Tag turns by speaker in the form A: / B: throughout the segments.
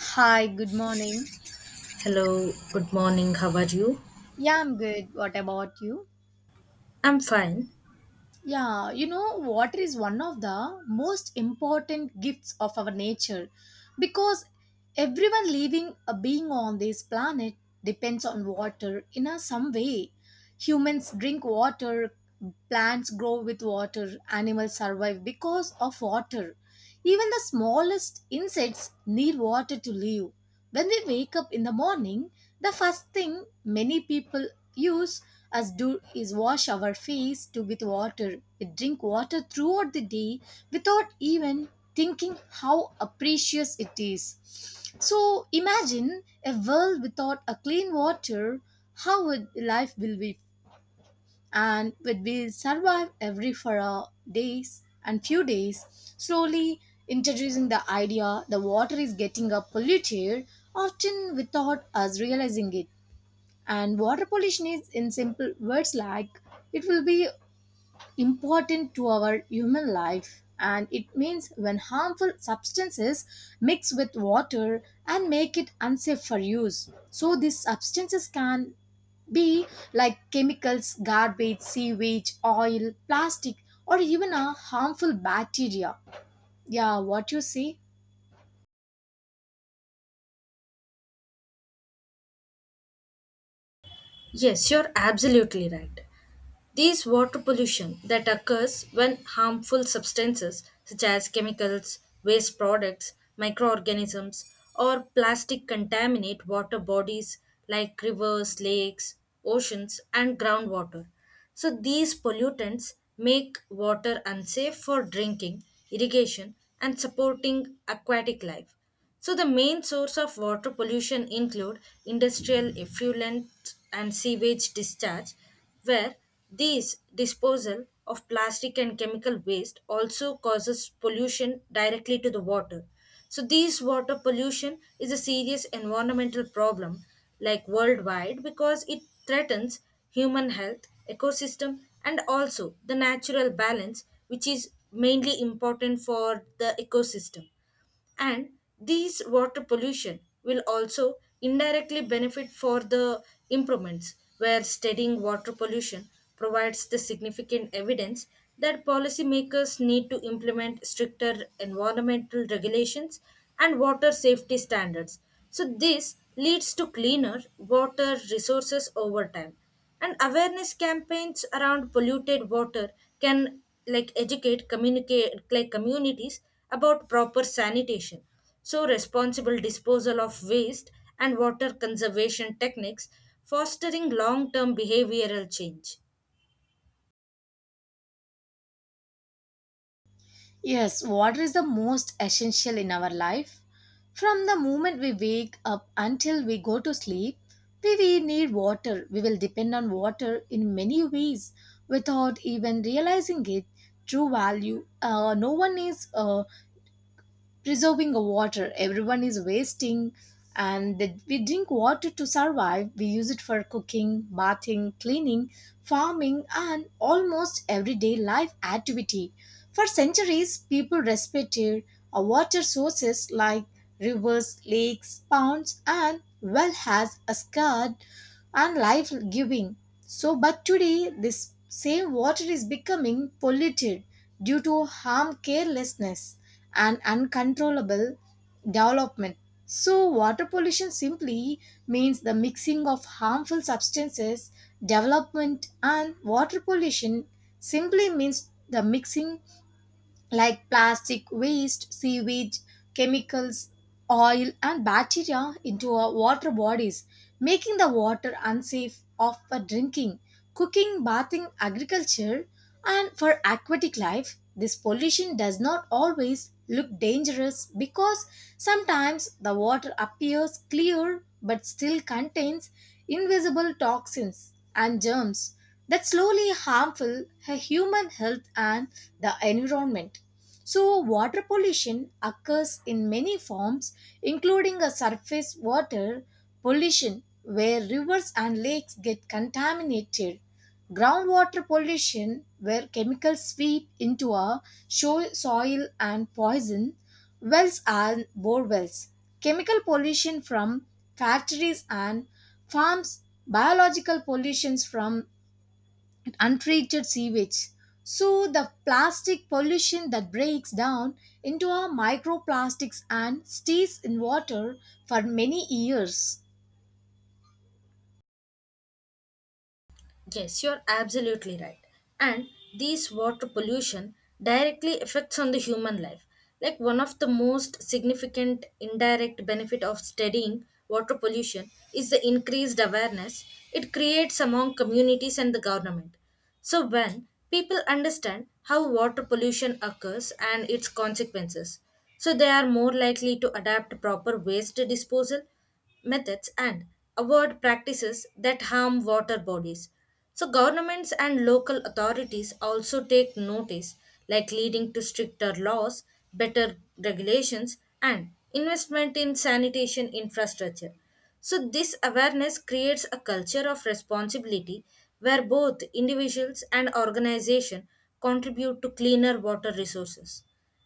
A: Hi, good morning.
B: Hello, good morning, how are you?
A: Yeah, I'm good. What about you?
B: I'm fine.
A: Yeah, you know, water is one of the most important gifts of our nature because everyone living a being on this planet depends on water in a some way. Humans drink water, plants grow with water, animals survive because of water. Even the smallest insects need water to live. When we wake up in the morning, the first thing many people use as do is wash our face to with water. We drink water throughout the day without even thinking how a precious it is. So imagine a world without a clean water, how would life will be and would we survive every for our days and few days slowly introducing the idea the water is getting up polluted often without us realizing it, and water pollution is, in simple words, like it will be important to our human life. And it means when harmful substances mix with water and make it unsafe for use. So these substances can be like chemicals, garbage, sewage, oil, plastic, or even a harmful bacteria. Yeah, what you say?
B: Yes, you're absolutely right. These water pollution that occurs when harmful substances such as chemicals, waste products, microorganisms, or plastic contaminate water bodies like rivers, lakes, oceans, and groundwater. So these pollutants make water unsafe for drinking, irrigation, and supporting aquatic life. So the main source of water pollution include industrial effluent and sewage discharge, where these disposal of plastic and chemical waste also causes pollution directly to the water. So these water pollution is a serious environmental problem like worldwide because it threatens human health, ecosystem and also the natural balance which is mainly important for the ecosystem, and these water pollution will also indirectly benefit for the improvements where studying water pollution provides the significant evidence that policymakers need to implement stricter environmental regulations and water safety standards. So this leads to cleaner water resources over time, and awareness campaigns around polluted water can like educate communicate like communities about proper sanitation, so responsible disposal of waste and water conservation techniques fostering long term behavioral change.
A: Yes, water is the most essential in our life. From the moment we wake up until we go to sleep, we will need water. We will depend on water in many ways without even realizing it. True value. No one is preserving the water, everyone is wasting, and that we drink water to survive, we use it for cooking, bathing, cleaning, farming, and almost everyday life activity. For centuries people respected our water sources like rivers, lakes, ponds, and well has a scarred and life giving. So but today this same water is becoming polluted due to harm carelessness and uncontrollable development. So, water pollution simply means the mixing of harmful substances, development, and water pollution simply means the mixing like plastic waste, seaweed, chemicals, oil, and bacteria into our water bodies, making the water unsafe of for drinking, cooking, bathing, agriculture, and for aquatic life. This pollution does not always look dangerous because sometimes the water appears clear but still contains invisible toxins and germs that slowly harmful her human health and the environment. So, water pollution occurs in many forms, including a surface water pollution where rivers and lakes get contaminated, groundwater pollution where chemicals sweep into our soil and poison wells and borewells, chemical pollution from factories and farms, biological pollutions from and untreated sewage. So, the plastic pollution that breaks down into our microplastics and stays in water for many years.
B: Yes, you're absolutely right. And these water pollution directly affects on the human life. Like one of the most significant indirect benefit of studying water pollution is the increased awareness it creates among communities and the government. So when people understand how water pollution occurs and its consequences, so they are more likely to adapt proper waste disposal methods and avoid practices that harm water bodies. So, governments and local authorities also take notice, like leading to stricter laws, better regulations, and investment in sanitation infrastructure. So, this awareness creates a culture of responsibility where both individuals and organizations contribute to cleaner water resources.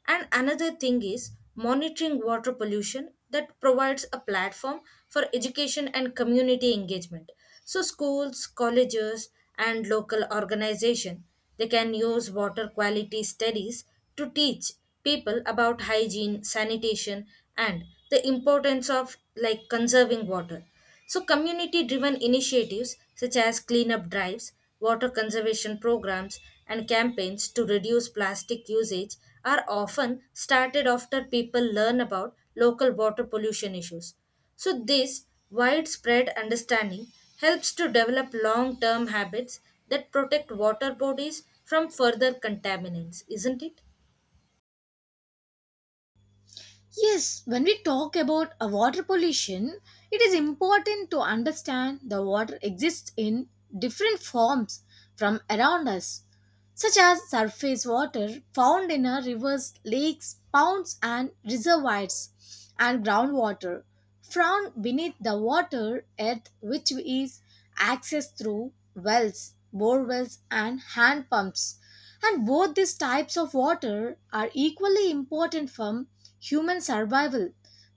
B: And another thing is monitoring water pollution that provides a platform for education and community engagement. So schools, colleges and local organization they can use water quality studies to teach people about hygiene, sanitation and the importance of like conserving water. So, community driven initiatives such as cleanup drives, water conservation programs, and campaigns to reduce plastic usage are often started after people learn about local water pollution issues. So, this widespread understanding helps to develop long term habits that protect water bodies from further contaminants, isn't it?
A: Yes, when we talk about a water pollution, it is important to understand the water exists in different forms from around us, such as surface water found in our rivers, lakes, ponds, and reservoirs, and groundwater found beneath the water earth, which is accessed through wells, bore wells, and hand pumps. And both these types of water are equally important for human survival.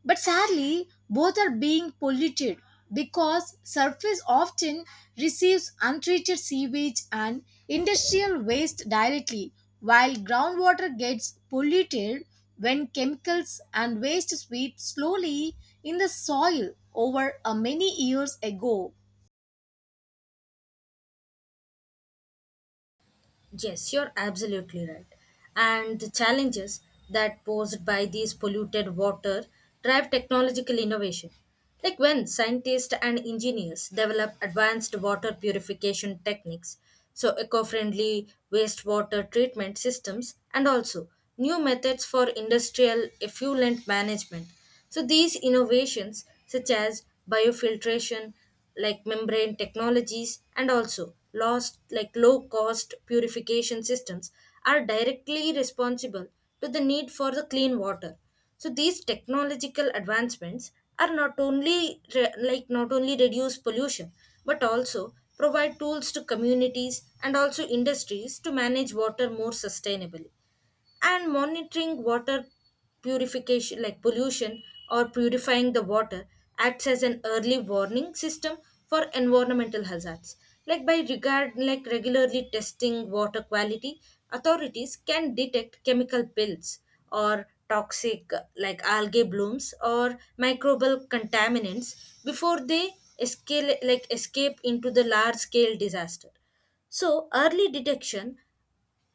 A: But sadly, both are being polluted because surface often receives untreated sewage and industrial waste directly, while groundwater gets polluted when chemicals and waste sweep slowly in the soil over a many years ago.
B: Yes, you're absolutely right. And the challenges that posed by these polluted water drive technological innovation. Like when scientists and engineers develop advanced water purification techniques, so eco-friendly wastewater treatment systems and also new methods for industrial effluent management. So these innovations such as biofiltration like membrane technologies and also lost like low cost purification systems are directly responsible to the need for the clean water, so these technological advancements are not only like not only reduce pollution but also provide tools to communities and also industries to manage water more sustainably, and monitoring water purification like pollution or purifying the water acts as an early warning system for environmental hazards like by regard like regularly testing water quality authorities can detect chemical pills or toxic like algae blooms or microbial contaminants before they escape like escape into the large scale disaster. So, early detection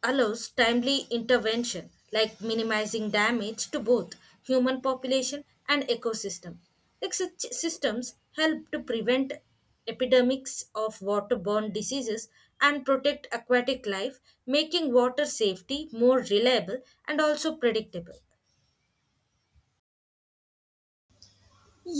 B: allows timely intervention like minimizing damage to both human population and ecosystem. Like such systems help to prevent epidemics of waterborne diseases and protect aquatic life, making water safety more reliable and also predictable.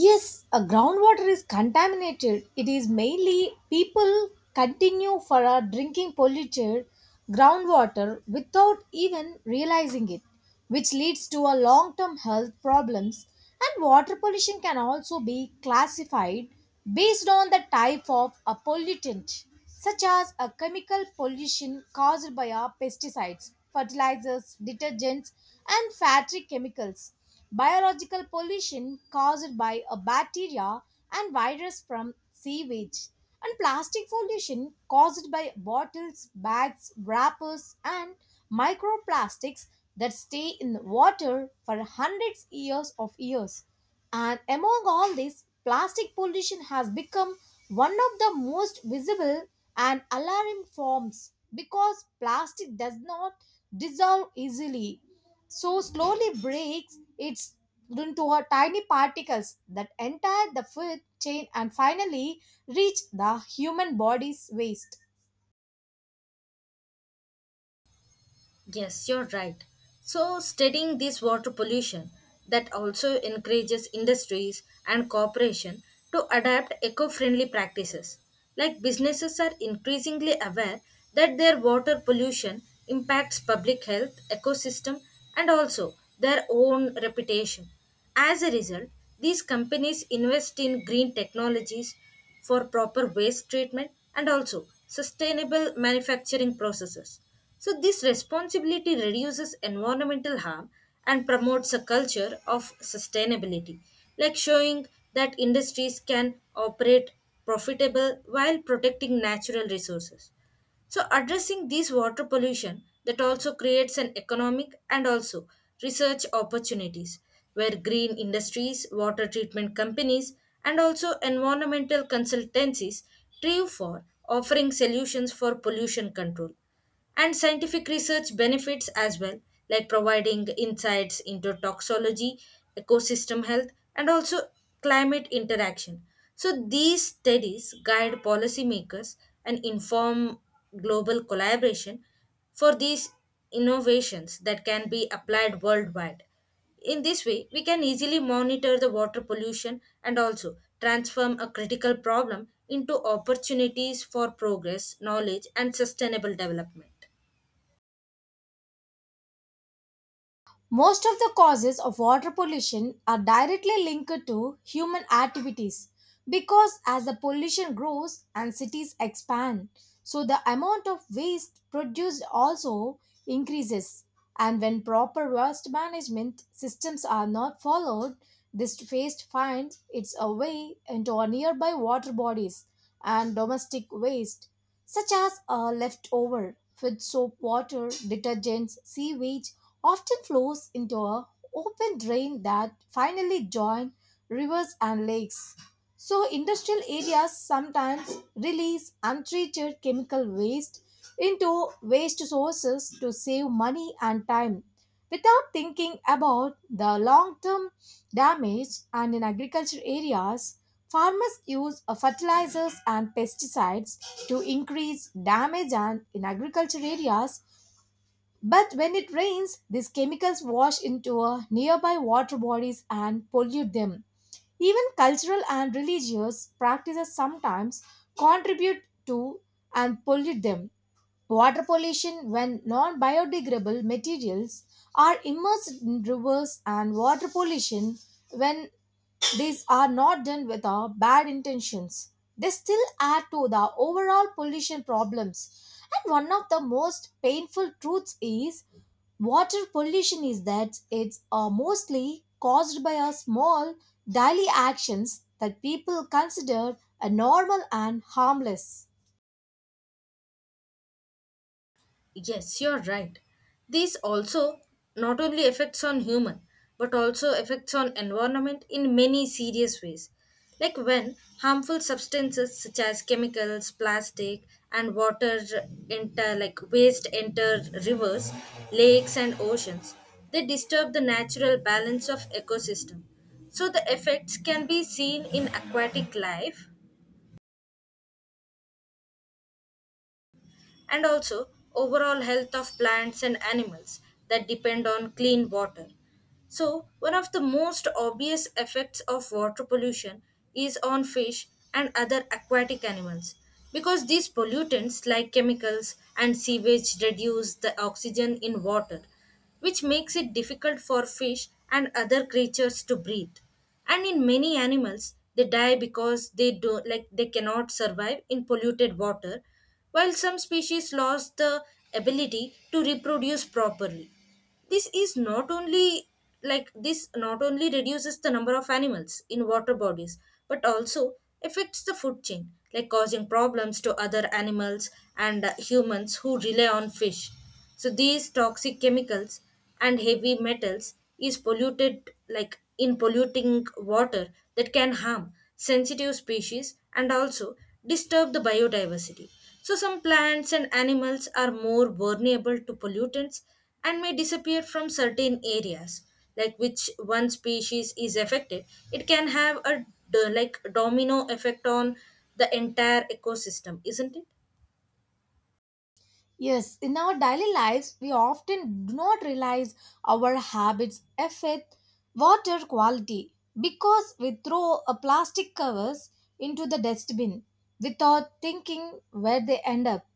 A: Yes, a groundwater is contaminated. It is mainly people continue for a drinking polluted groundwater without even realizing it, which leads to a long-term health problems. And water pollution can also be classified based on the type of a pollutant, such as a chemical pollution caused by our pesticides, fertilizers, detergents, and factory chemicals, biological pollution caused by a bacteria and virus from sewage, and plastic pollution caused by bottles, bags, wrappers, and microplastics that stay in the water for hundreds years of years. And among all this, plastic pollution has become one of the most visible and alarming forms because plastic does not dissolve easily, so slowly breaks it into her tiny particles that enter the food chain and finally reach the human body's waist.
B: Yes, you're right. So, studying this water pollution that also encourages industries and corporation to adapt eco-friendly practices. Like businesses are increasingly aware that their water pollution impacts public health, ecosystem, and also their own reputation. As a result, these companies invest in green technologies for proper waste treatment and also sustainable manufacturing processes. So, this responsibility reduces environmental harm and promotes a culture of sustainability, like showing that industries can operate profitable while protecting natural resources. So, addressing this water pollution that also creates an economic and also research opportunities where green industries, water treatment companies, and also environmental consultancies thrive for offering solutions for pollution control, and scientific research benefits as well, like providing insights into toxicology, ecosystem health, and also climate interaction. So, these studies guide policymakers and inform global collaboration for these innovations that can be applied worldwide. In this way, we can easily monitor the water pollution and also transform a critical problem into opportunities for progress, knowledge, and sustainable development.
A: Most of the causes of water pollution are directly linked to human activities because as the pollution grows and cities expand, so the amount of waste produced also increases. And when proper waste management systems are not followed, this waste finds its way into our nearby water bodies, and domestic waste such as leftover food, soap water, detergents, sewage, often flows into a open drain that finally join rivers and lakes. So industrial areas sometimes release untreated chemical waste into waste sources to save money and time without thinking about the long term damage. And in agriculture areas, farmers use fertilizers and pesticides to increase damage, and in agricultural areas, but when it rains, these chemicals wash into nearby water bodies and pollute them. Even cultural and religious practices sometimes contribute to and pollute them. Water pollution when non biodegradable materials are immersed in rivers, and water pollution when these are not done with our bad intentions. They still add to the overall pollution problems. And one of the most painful truths is water pollution is that it's mostly caused by our small daily actions that people consider a normal and harmless.
B: Yes, you're right. These also not only effects on human but also effects on environment in many serious ways. Like when harmful substances such as chemicals, plastic and water enter like waste enter rivers, lakes and oceans, they disturb the natural balance of ecosystem. So the effects can be seen in aquatic life and also overall health of plants and animals that depend on clean water. So, one of the most obvious effects of water pollution is on fish and other aquatic animals because these pollutants like chemicals and sewage reduce the oxygen in water which makes it difficult for fish and other creatures to breathe. And in many animals, they die because they do like they cannot survive in polluted water, while some species lost the ability to reproduce properly. This is not only like this not only reduces the number of animals in water bodies but also affects the food chain like causing problems to other animals and humans who rely on fish, so these toxic chemicals and heavy metals is polluted like in polluting water that can harm sensitive species and also disturb the biodiversity, so some plants and animals are more vulnerable to pollutants and may disappear from certain areas like which one species is affected it can have a like domino effect on the entire ecosystem, isn't it?
A: Yes, in our daily lives, we often do not realize our habits affect water quality because we throw a plastic covers into the dustbin without thinking where they end up.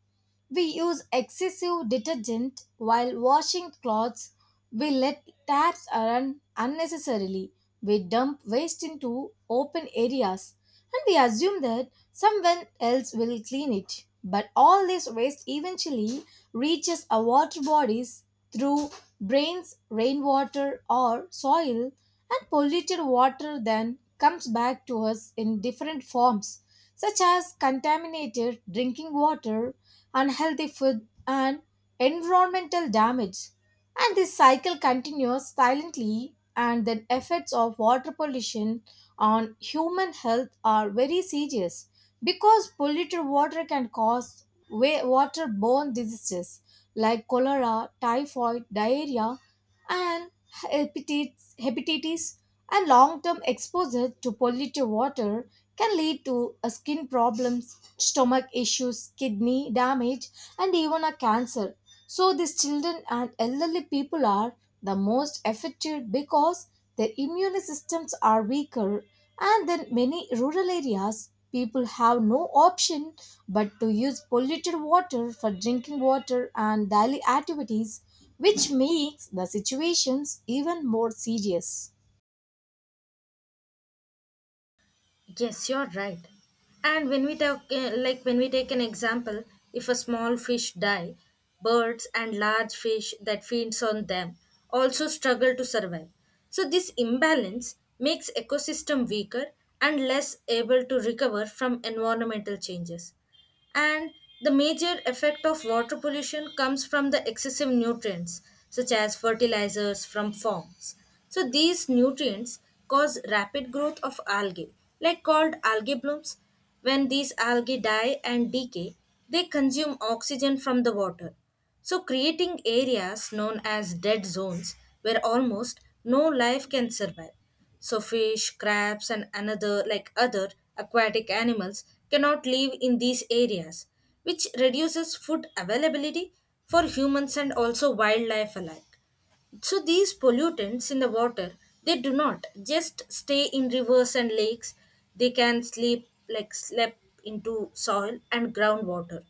A: We use excessive detergent while washing clothes. We let taps run unnecessarily. We dump waste into open areas. And we assume that someone else will clean it. But all this waste eventually reaches our water bodies through drains, rainwater, or soil, and polluted water then comes back to us in different forms, such as contaminated drinking water, unhealthy food, and environmental damage. And this cycle continues silently, and the effects of water pollution on human health are very serious because polluted water can cause waterborne diseases like cholera, typhoid, diarrhea, and hepatitis, hepatitis, and long-term exposure to polluted water can lead to skin problems, stomach issues, kidney damage, and even a cancer. So these children and elderly people are the most affected because their immune systems are weaker, and then many rural areas, people have no option but to use polluted water for drinking water and daily activities, which makes the situations even more serious.
B: Yes, you're right. And when we talk, like when we take an example, if a small fish die, birds and large fish that feeds on them also struggle to survive. So this imbalance makes ecosystem weaker and less able to recover from environmental changes. And the major effect of water pollution comes from the excessive nutrients, such as fertilizers from farms. So these nutrients cause rapid growth of algae, like called algae blooms. When these algae die and decay, they consume oxygen from the water. So creating areas known as dead zones where almost no life can survive. So fish, crabs and another like other aquatic animals cannot live in these areas, which reduces food availability for humans and also wildlife alike. So these pollutants in the water, they do not just stay in rivers and lakes. They can sleep like slip into soil and groundwater.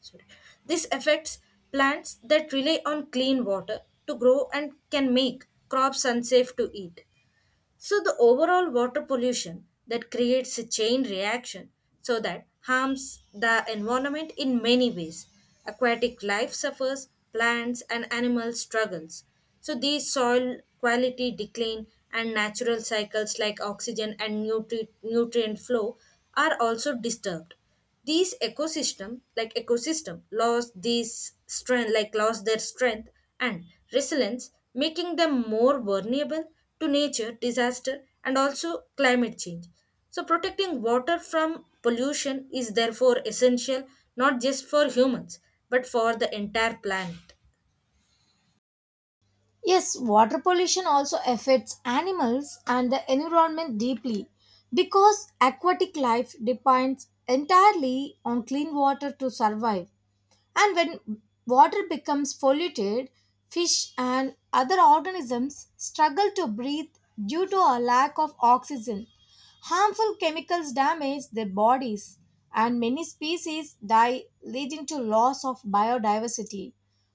B: Sorry. This affects plants that rely on clean water to grow and can make crops unsafe to eat. So, the overall water pollution that creates a chain reaction so that harms the environment in many ways. Aquatic life suffers, plants and animals struggles. So, these soil quality decline and natural cycles like oxygen and nutrient flow are also disturbed, these ecosystem like ecosystem lost these strength like lost their strength and resilience, making them more vulnerable to nature disaster and also climate change, so protecting water from pollution is therefore essential not just for humans but for the entire planet.
A: Yes, water pollution also affects animals and the environment deeply because aquatic life depends entirely on clean water to survive. And when water becomes polluted, fish and other organisms struggle to breathe due to a lack of oxygen. Harmful chemicals damage their bodies, and many species die, leading to loss of biodiversity.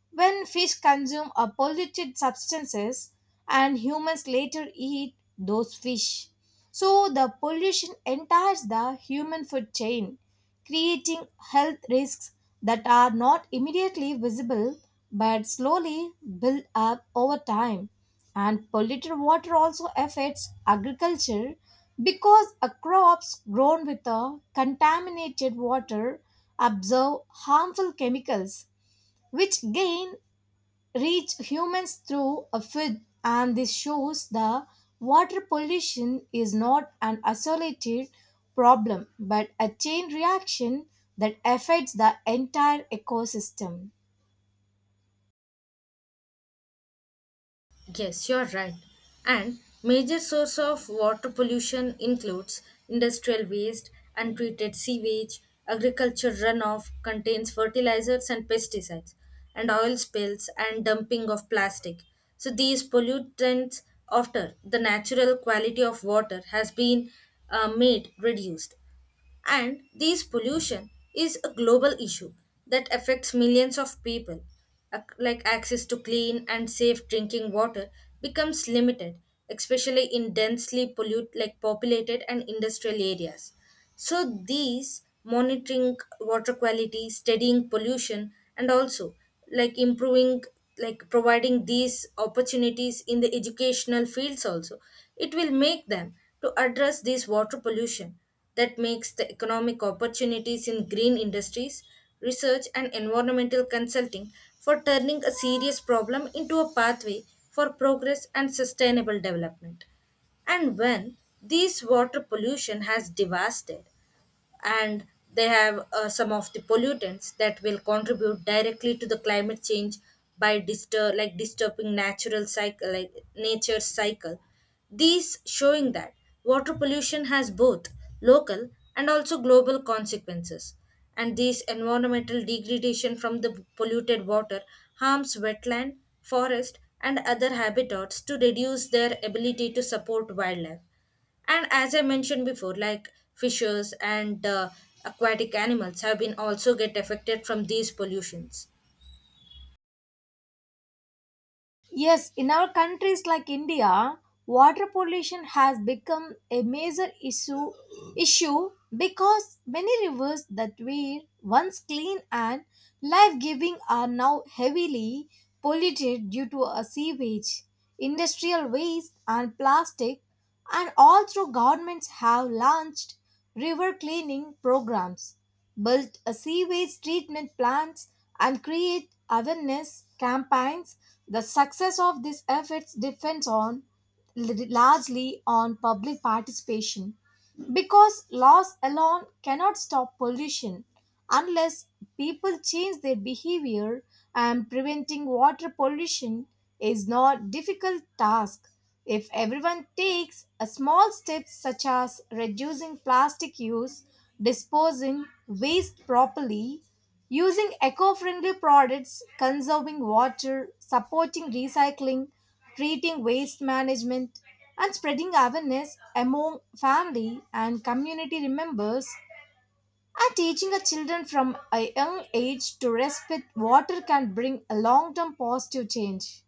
A: When fish consume a polluted substances and humans later eat those fish. So the pollution enters the human food chain, creating health risks that are not immediately visible but slowly build up over time. And polluted water also affects agriculture because a crops grown with a contaminated water absorb harmful chemicals which gain reach humans through a food, and this shows the water pollution is not an isolated problem but a chain reaction that affects the entire ecosystem.
B: Yes, you're right. And major source of water pollution includes industrial waste, untreated sewage, agriculture runoff contains fertilizers and pesticides, and oil spills and dumping of plastic. So these pollutants after the natural quality of water has been made reduced. And this pollution is a global issue that affects millions of people. Like access to clean and safe drinking water becomes limited, especially in densely pollute like populated and industrial areas. So these monitoring water quality, studying pollution, and also like improving like providing these opportunities in the educational fields also it will make them to address this water pollution that makes the economic opportunities in green industries, research, and environmental consulting for turning a serious problem into a pathway for progress and sustainable development. And when this water pollution has devastated and they have some of the pollutants that will contribute directly to the climate change by disturb like disturbing natural cycle like nature's cycle, these showing that water pollution has both local and also global consequences, and these environmental degradation from the polluted water harms wetland forest and other habitats to reduce their ability to support wildlife, and as I mentioned before, like fishes and aquatic animals have been also get affected from these pollutions.
A: Yes, in our countries like India, water pollution has become a major issue issue because many rivers that were once clean and life-giving are now heavily polluted due to a sewage, industrial waste and plastic, and all through governments have launched river cleaning programs, build a sewage treatment plants, and create awareness campaigns. The success of these efforts depends on largely on public participation because laws alone cannot stop pollution unless people change their behavior. And preventing water pollution is not difficult task if everyone takes a small step such as reducing plastic use, disposing waste properly, using eco-friendly products, conserving water, supporting recycling, treating waste management, and spreading awareness among family and community members, and teaching our children from a young age to respect water can bring a long-term positive change.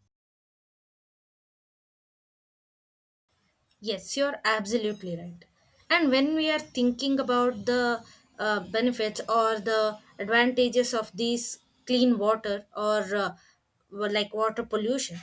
B: Yes, you're absolutely right. And when we are thinking about the benefits or the advantages of these clean water or like water pollution,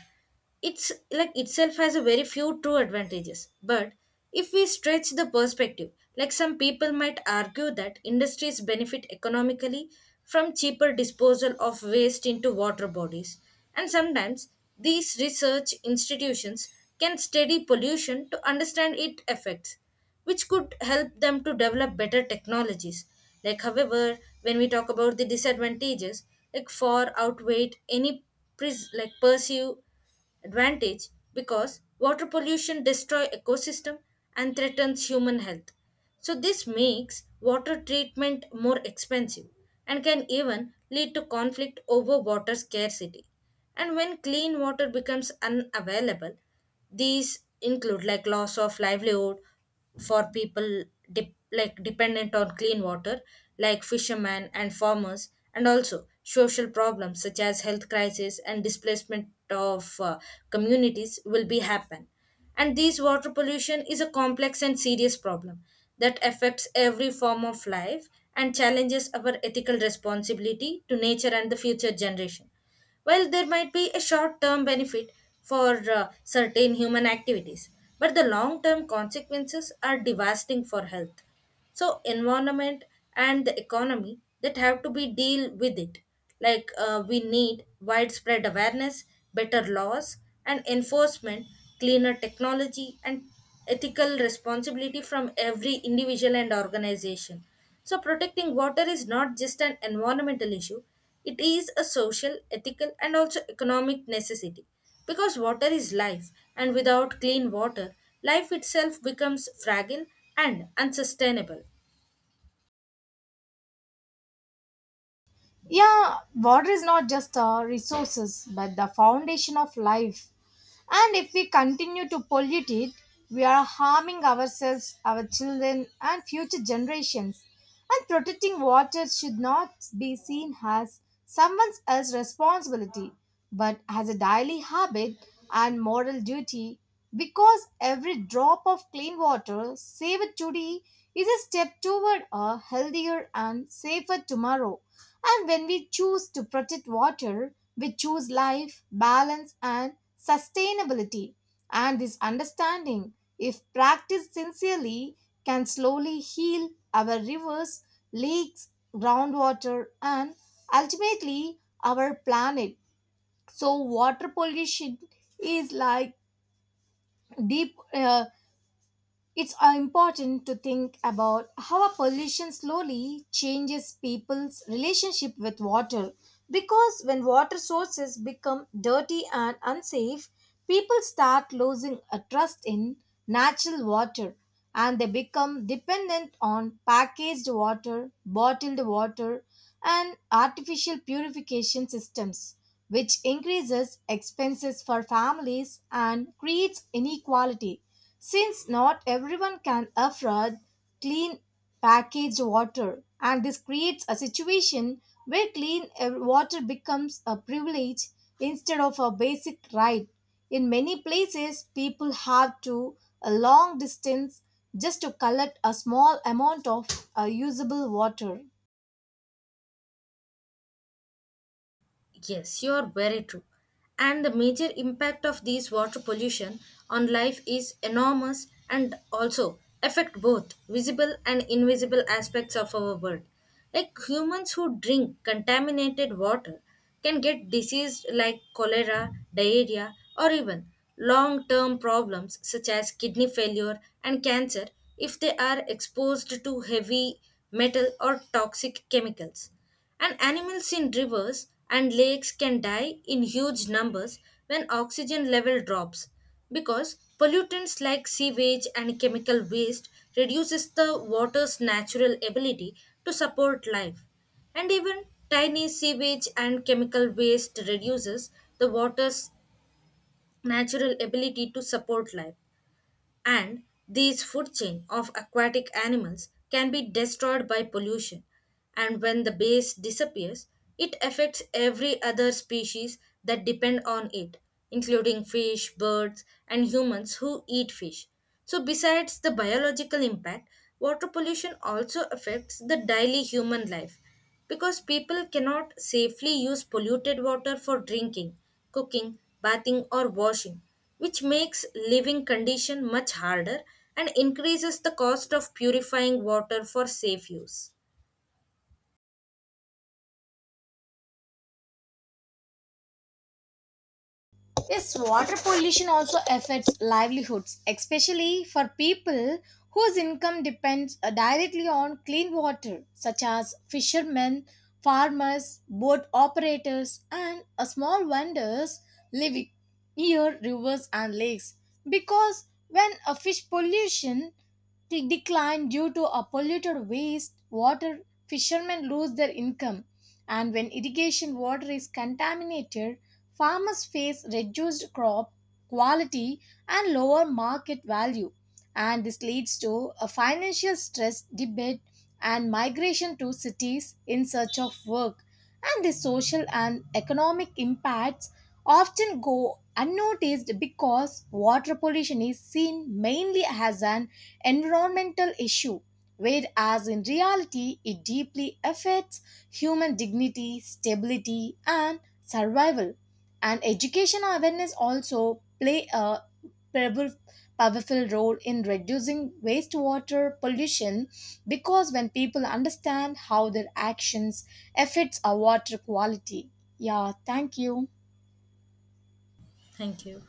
B: it's like itself has a very few true advantages, but if we stretch the perspective, like some people might argue that industries benefit economically from cheaper disposal of waste into water bodies, and sometimes these research institutions can study pollution to understand its effects, which could help them to develop better technologies. Like, however, when we talk about the disadvantages, like far outweigh any like pursue advantage because water pollution destroy ecosystem and threatens human health, so this makes water treatment more expensive and can even lead to conflict over water scarcity, and when clean water becomes unavailable these include like loss of livelihood for people dep like dependent on clean water, like fishermen and farmers, and also social problems such as health crisis and displacement of communities will be happen. And this water pollution is a complex and serious problem that affects every form of life and challenges our ethical responsibility to nature and the future generation. While there might be a short term benefit for certain human activities, but the long term consequences are devastating for health. So, environment and the economy that have to be deal with it. Like we need widespread awareness, better laws and enforcement, cleaner technology, and ethical responsibility from every individual and organization, so, protecting water is not just an environmental issue, it is a social, ethical, and also economic necessity. Because water is life, and without clean water, life itself becomes fragile and unsustainable.
A: Yeah, water is not just a resources but the foundation of life. And if we continue to pollute it, we are harming ourselves, our children, and future generations. And protecting water should not be seen as someone else's responsibility, but as a daily habit and moral duty. Because every drop of clean water saved today is a step toward a healthier and safer tomorrow. And when we choose to protect water, we choose life, balance, and sustainability. And this understanding, if practiced sincerely, can slowly heal our rivers, lakes, groundwater, and ultimately our planet. So, water pollution is like deep. It's important to think about how a pollution slowly changes people's relationship with water. Because when water sources become dirty and unsafe, people start losing a trust in natural water, and they become dependent on packaged water, bottled water, and artificial purification systems, which increases expenses for families and creates inequality, since not everyone can afford clean packaged water, and this creates a situation where clean water becomes a privilege instead of a basic right. In many places, people have to a long distance just to collect a small amount of usable water.
B: Yes, you are very true. And the major impact of these water pollution on life is enormous and also affect both visible and invisible aspects of our world. Like humans who drink contaminated water can get diseases like cholera, diarrhea, or even long term problems such as kidney failure and cancer if they are exposed to heavy metal or toxic chemicals. And animals in rivers and lakes can die in huge numbers when oxygen level drops because pollutants like sewage and chemical waste reduces the water's natural ability to support life, and even tiny sewage and chemical waste reduces the water's natural ability to support life, and these food chain of aquatic animals can be destroyed by pollution, and when the base disappears it affects every other species that depend on it, including fish birds and humans who eat fish, so besides the biological impact water pollution also affects the daily human life because people cannot safely use polluted water for drinking, cooking, bathing or washing, which makes living condition much harder and increases the cost of purifying water for safe use.
A: Yes, water pollution also affects livelihoods, especially for people whose income depends directly on clean water, such as fishermen, farmers, boat operators, and small vendors living near rivers and lakes. Because when a fish pollution decline due to a polluted waste water, fishermen lose their income. And when irrigation water is contaminated, farmers face reduced crop quality and lower market value, and this leads to a financial stress debate and migration to cities in search of work. And the social and economic impacts often go unnoticed because water pollution is seen mainly as an environmental issue, whereas in reality, it deeply affects human dignity, stability, and survival. And education awareness also play a powerful powerful role in reducing wastewater pollution because when people understand how their actions affects our water quality. Yeah, thank you.
B: Thank you.